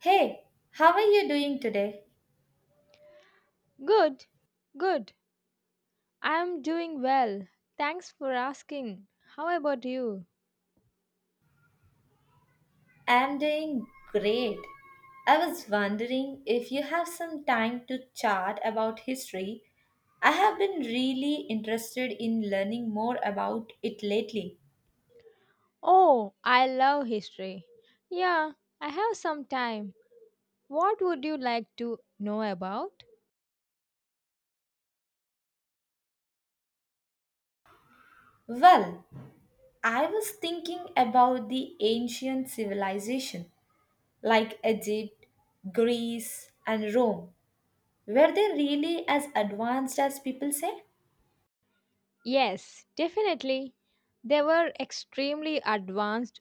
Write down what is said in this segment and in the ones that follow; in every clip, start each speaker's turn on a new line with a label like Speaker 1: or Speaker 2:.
Speaker 1: Hey, how are you doing today?
Speaker 2: Good, good. I am doing well. Thanks for asking. How about you?
Speaker 1: I'm doing great. I was wondering if you have some time to chat about history. I have been really interested in learning more about it lately.
Speaker 2: Oh, I love history. Yeah, I have some time. What would you like to know about?
Speaker 1: Well, I was thinking about the ancient civilization like Egypt, Greece, and Rome. Were they really as advanced as people say?
Speaker 2: Yes, definitely. They were extremely advanced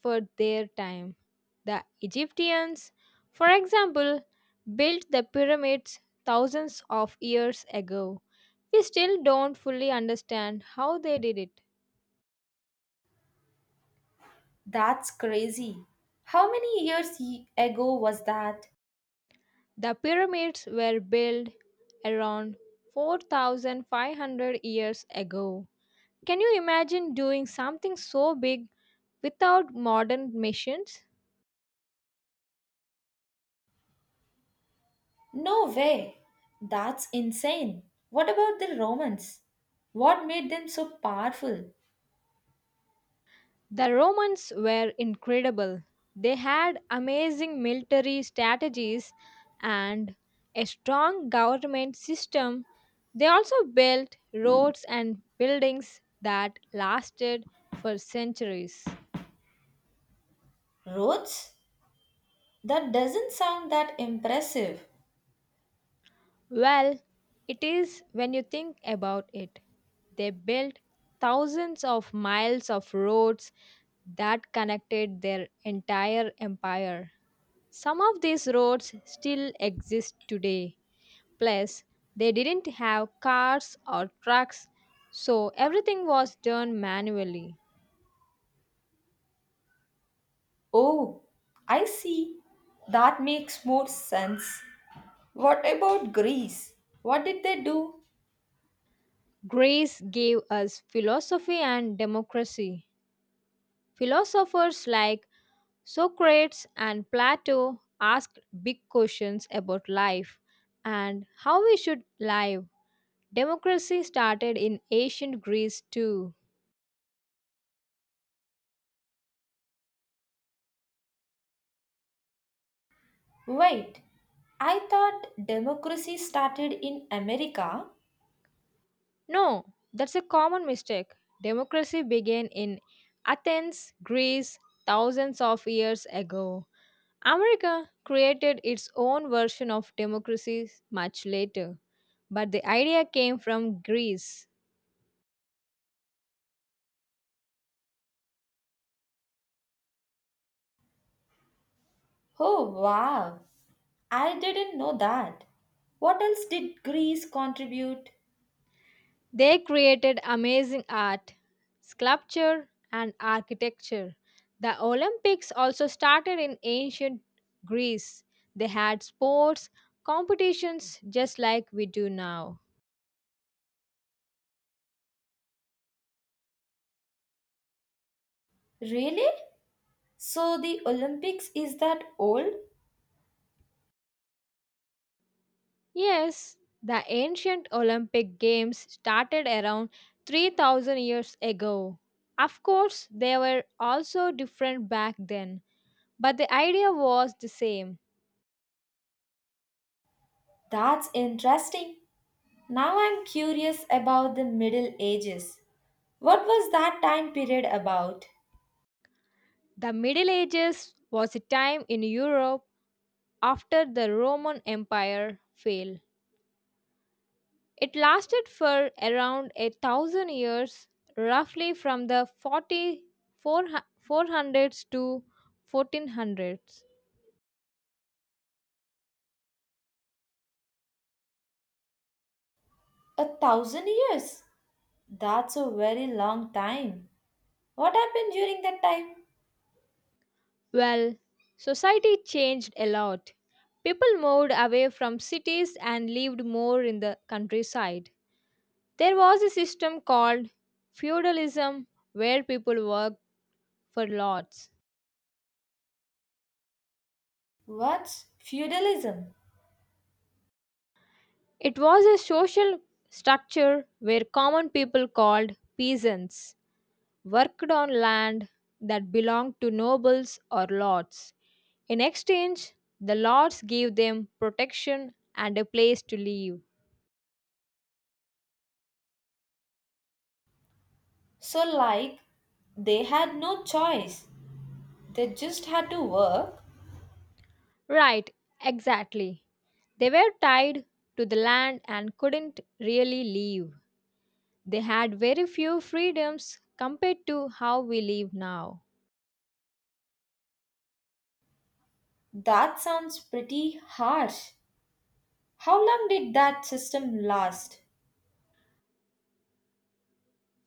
Speaker 2: for their time. The Egyptians, for example, built the pyramids thousands of years ago. We still don't fully understand how they did it.
Speaker 1: That's crazy. How many years ago was that?
Speaker 2: The pyramids were built around 4,500 years ago. Can you imagine doing something so big without modern machines?
Speaker 1: No way! That's insane. What about the Romans? What made them so powerful?
Speaker 2: The Romans were incredible. They had amazing military strategies and a strong government system. They also built roads and buildings that lasted for centuries.
Speaker 1: Roads? That doesn't sound that impressive.
Speaker 2: Well, it is when you think about it. They built thousands of miles of roads that connected their entire empire. Some of these roads still exist today. Plus, they didn't have cars or trucks, so everything was done manually.
Speaker 1: Oh, I see. That makes more sense. What about Greece? What did they do?
Speaker 2: Grace gave us philosophy and democracy. Philosophers like Socrates and Plato asked big questions about life and how we should live. Democracy started in ancient Greece too.
Speaker 1: Wait, I thought democracy started in America.
Speaker 2: No, that's a common mistake. Democracy began in Athens, Greece, thousands of years ago. America created its own version of democracy much later, but the idea came from Greece.
Speaker 1: Oh, wow. I didn't know that. What else did Greece contribute?
Speaker 2: They created amazing art, sculpture, and architecture. The Olympics also started in ancient Greece. They had sports competitions just like we do now.
Speaker 1: Really? So the Olympics is that old?
Speaker 2: Yes, the ancient Olympic Games started around 3000 years ago. Of course, they were also different back then, but the idea was the same.
Speaker 1: That's interesting. Now I'm curious about the Middle Ages. What was that time period about?
Speaker 2: The Middle Ages was a time in Europe after the Roman Empire fell. It lasted for around a thousand years, roughly from the 400s to 1400s.
Speaker 1: A thousand years? That's a very long time. What happened during that time?
Speaker 2: Well, society changed a lot. People moved away from cities and lived more in the countryside. There was a system called feudalism where people worked for lords.
Speaker 1: What's feudalism?
Speaker 2: It was a social structure where common people called peasants worked on land that belonged to nobles or lords. In exchange, the lords gave them protection and a place to live.
Speaker 1: So, like, they had no choice. They just had to work.
Speaker 2: Right, exactly. They were tied to the land and couldn't really leave. They had very few freedoms compared to how we live now.
Speaker 1: That sounds pretty harsh. How long did that system last?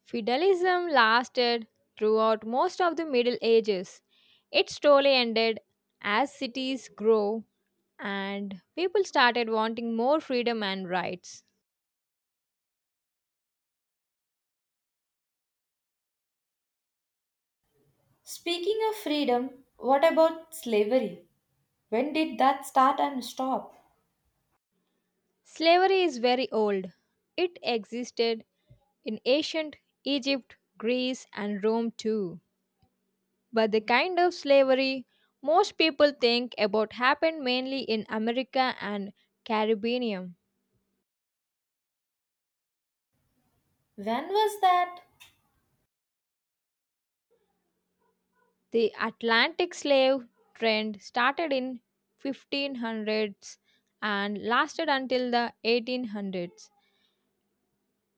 Speaker 2: Feudalism lasted throughout most of the Middle Ages. It slowly ended as cities grew and people started wanting more freedom and rights.
Speaker 1: Speaking of freedom, what about slavery? When did that start and stop?
Speaker 2: Slavery is very old. It existed in ancient Egypt, Greece, and Rome too. But the kind of slavery most people think about happened mainly in America and Caribbean.
Speaker 1: When was that?
Speaker 2: The Atlantic slave trade started in 1500s and lasted until the 1800s.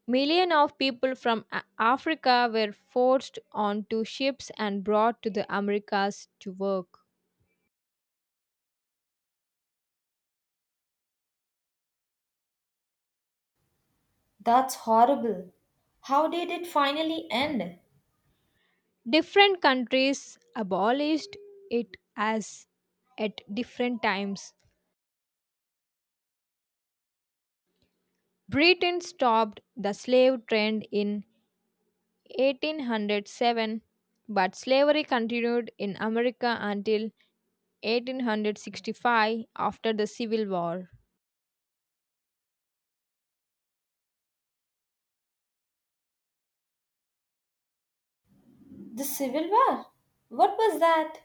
Speaker 2: Millions of people from Africa were forced onto ships and brought to the Americas to work.
Speaker 1: That's horrible. How did it finally end?
Speaker 2: Different countries abolished it as at different times. Britain stopped the slave trade in 1807, but slavery continued in America until 1865 after the Civil War.
Speaker 1: The Civil War? What was that?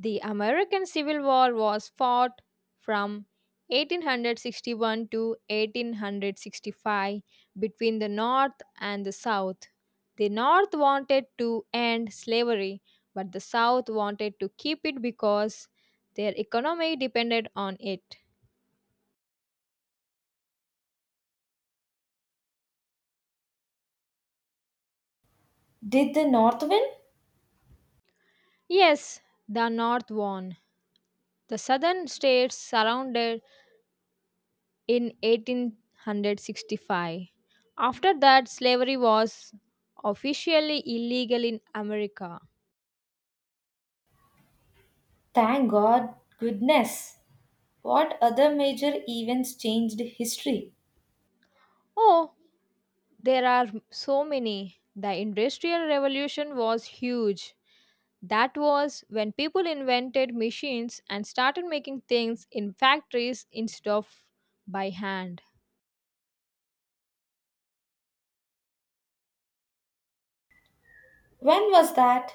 Speaker 2: The American Civil War was fought from 1861 to 1865 between the North and the South. The North wanted to end slavery, but the South wanted to keep it because their economy depended on it.
Speaker 1: Did the North win?
Speaker 2: Yes, the North won. The southern states surrounded in 1865. After that, slavery was officially illegal in America.
Speaker 1: Thank God, goodness. What other major events changed history?
Speaker 2: Oh, there are so many. The Industrial Revolution was huge. That was when people invented machines and started making things in factories instead of by hand.
Speaker 1: When was that?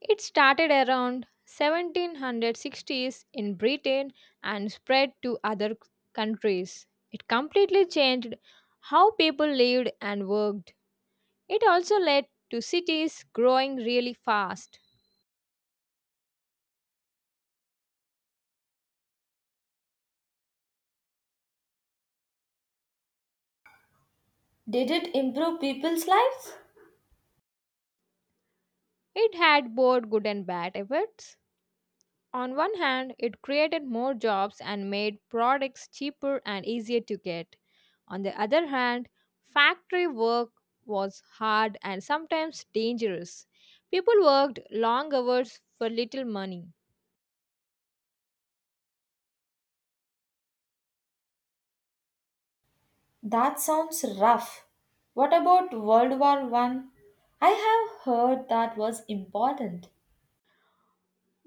Speaker 2: It started around 1760s in Britain and spread to other countries. It completely changed how people lived and worked. It also led to cities growing really fast.
Speaker 1: Did it improve people's lives?
Speaker 2: It had both good and bad effects. On one hand, it created more jobs and made products cheaper and easier to get. On the other hand, factory work was hard and sometimes dangerous. People worked long hours for little money.
Speaker 1: That sounds rough. What about World War One? I have heard that was important.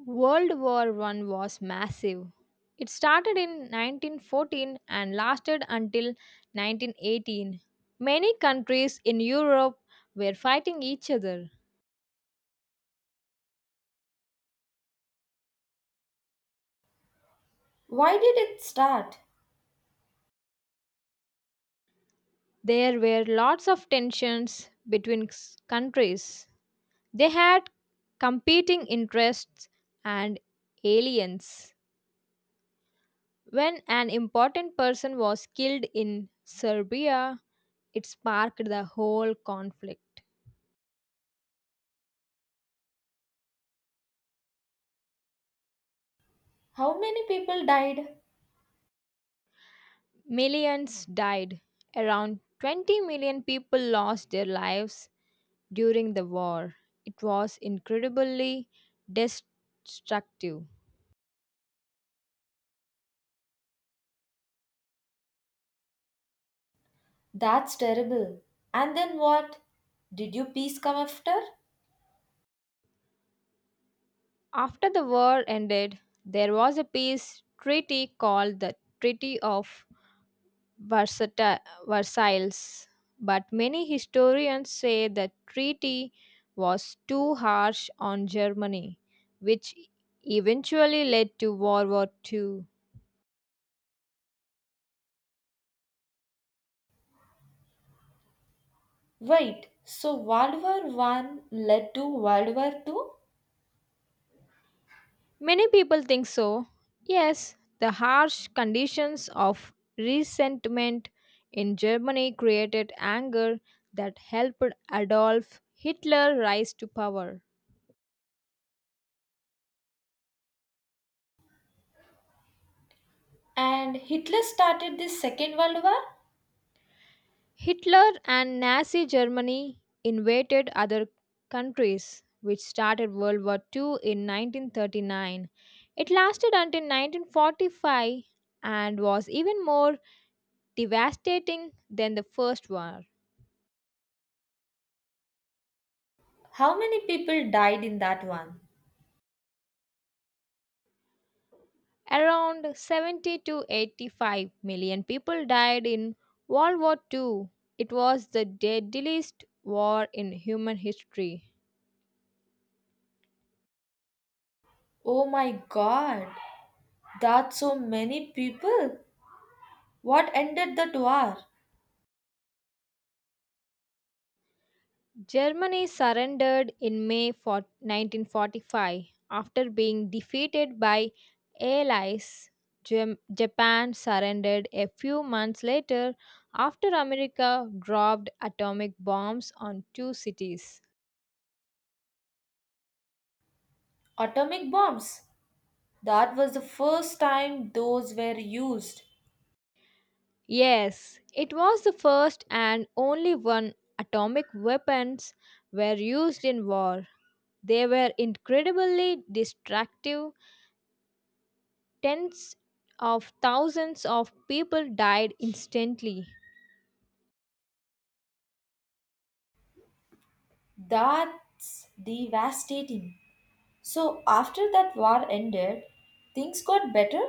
Speaker 2: World War One was massive. It started in 1914 and lasted until 1918. Many countries in Europe were fighting each other.
Speaker 1: Why did it start?
Speaker 2: There were lots of tensions between countries. They had competing interests and aliens. When an important person was killed in Serbia, it sparked the whole conflict.
Speaker 1: How many people died?
Speaker 2: Millions died. Around 20 million people lost their lives during the war. It was incredibly destructive.
Speaker 1: That's terrible. And then what? Did you peace come after?
Speaker 2: After the war ended, there was a peace treaty called the Treaty of Versata- Versailles, but many historians say the treaty was too harsh on Germany, which eventually led to World War II.
Speaker 1: Wait, so World War One led to World War Two?
Speaker 2: Many people think so. Yes, the harsh conditions of resentment in Germany created anger that helped Adolf Hitler rise to power.
Speaker 1: And Hitler started the Second World War?
Speaker 2: Hitler and Nazi Germany invaded other countries, which started World War II in 1939. It lasted until 1945 and was even more devastating than the First War.
Speaker 1: How many people died in that one?
Speaker 2: Around 70 to 85 million people died in World War II. It was the deadliest war in human history.
Speaker 1: Oh my god, that's so many people. What ended that war?
Speaker 2: Germany surrendered in May for 1945 after being defeated by Allies. Japan surrendered a few months later after America dropped atomic bombs on two cities.
Speaker 1: Atomic bombs. That was the first time those were used.
Speaker 2: Yes, it was the first and only one atomic weapons were used in war. They were incredibly destructive tens of thousands of people died instantly.
Speaker 1: That's devastating. So after that war ended, things got better?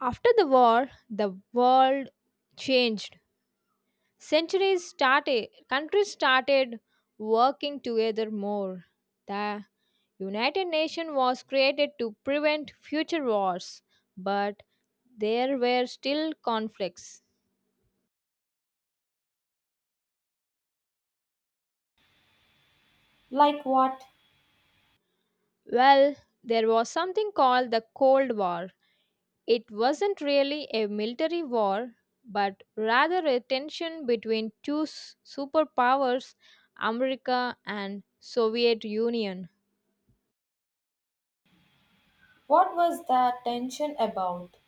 Speaker 2: After the war, the world changed. Centuries started, countries started working together more. The United Nations was created to prevent future wars, but there were still conflicts.
Speaker 1: Like what?
Speaker 2: Well, there was something called the Cold War. It wasn't really a military war, but rather a tension between two superpowers, America and Soviet Union.
Speaker 1: What was the tension about?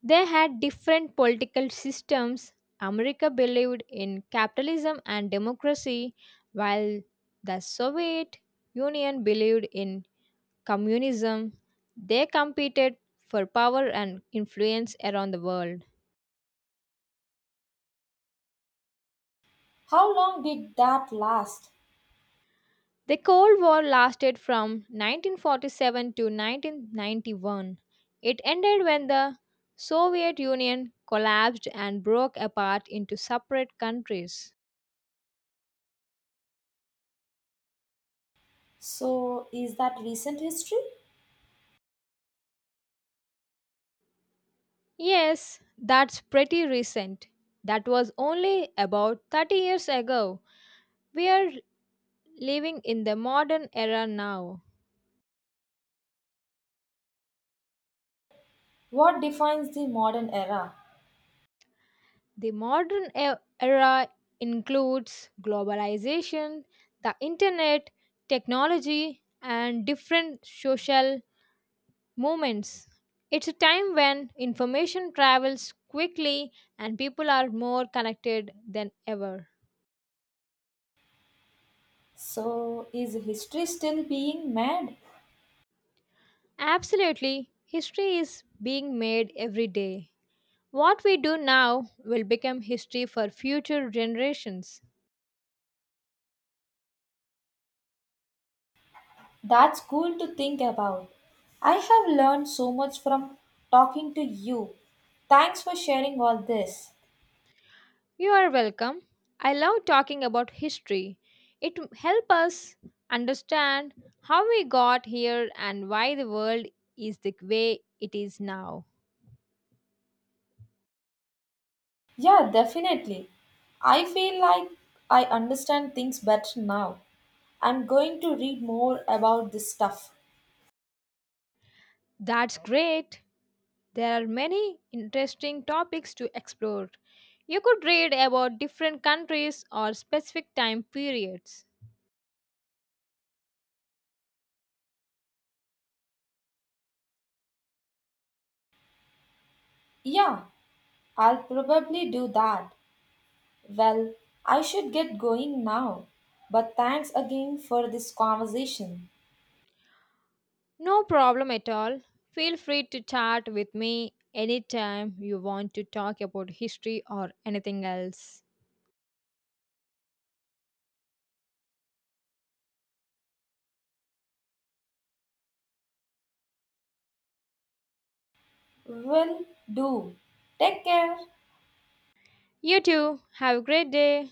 Speaker 2: They had different political systems. America believed in capitalism and democracy, while the Soviet Union believed in communism. They competed for power and influence around the world.
Speaker 1: How long did that last?
Speaker 2: The Cold War lasted from 1947 to 1991. It ended when the Soviet Union collapsed and broke apart into separate countries.
Speaker 1: So is that recent history?
Speaker 2: Yes, that's pretty recent. That was only about 30 years ago. We are living in the modern era now.
Speaker 1: What defines the modern era?
Speaker 2: The modern era includes globalization, the internet, technology, and different social Moments. It's a time when information travels quickly and people are more connected than ever.
Speaker 1: So is history still being made?
Speaker 2: Absolutely, history is being made every day. What we do now will become history for future generations.
Speaker 1: That's cool to think about. I have learned so much from talking to you. Thanks for sharing all this.
Speaker 2: You are welcome. I love talking about history. It helps us understand how we got here and why the world is the way it is now.
Speaker 1: Yeah, definitely. I feel like I understand things better now. I'm going to read more about this stuff.
Speaker 2: That's great. There are many interesting topics to explore. You could read about different countries or specific time periods.
Speaker 1: Yeah, I'll probably do that. Well, I should get going now. But thanks again for this conversation.
Speaker 2: No problem at all. Feel free to chat with me anytime you want to talk about history or anything else.
Speaker 1: Will do. Take care.
Speaker 2: You too. Have a great day.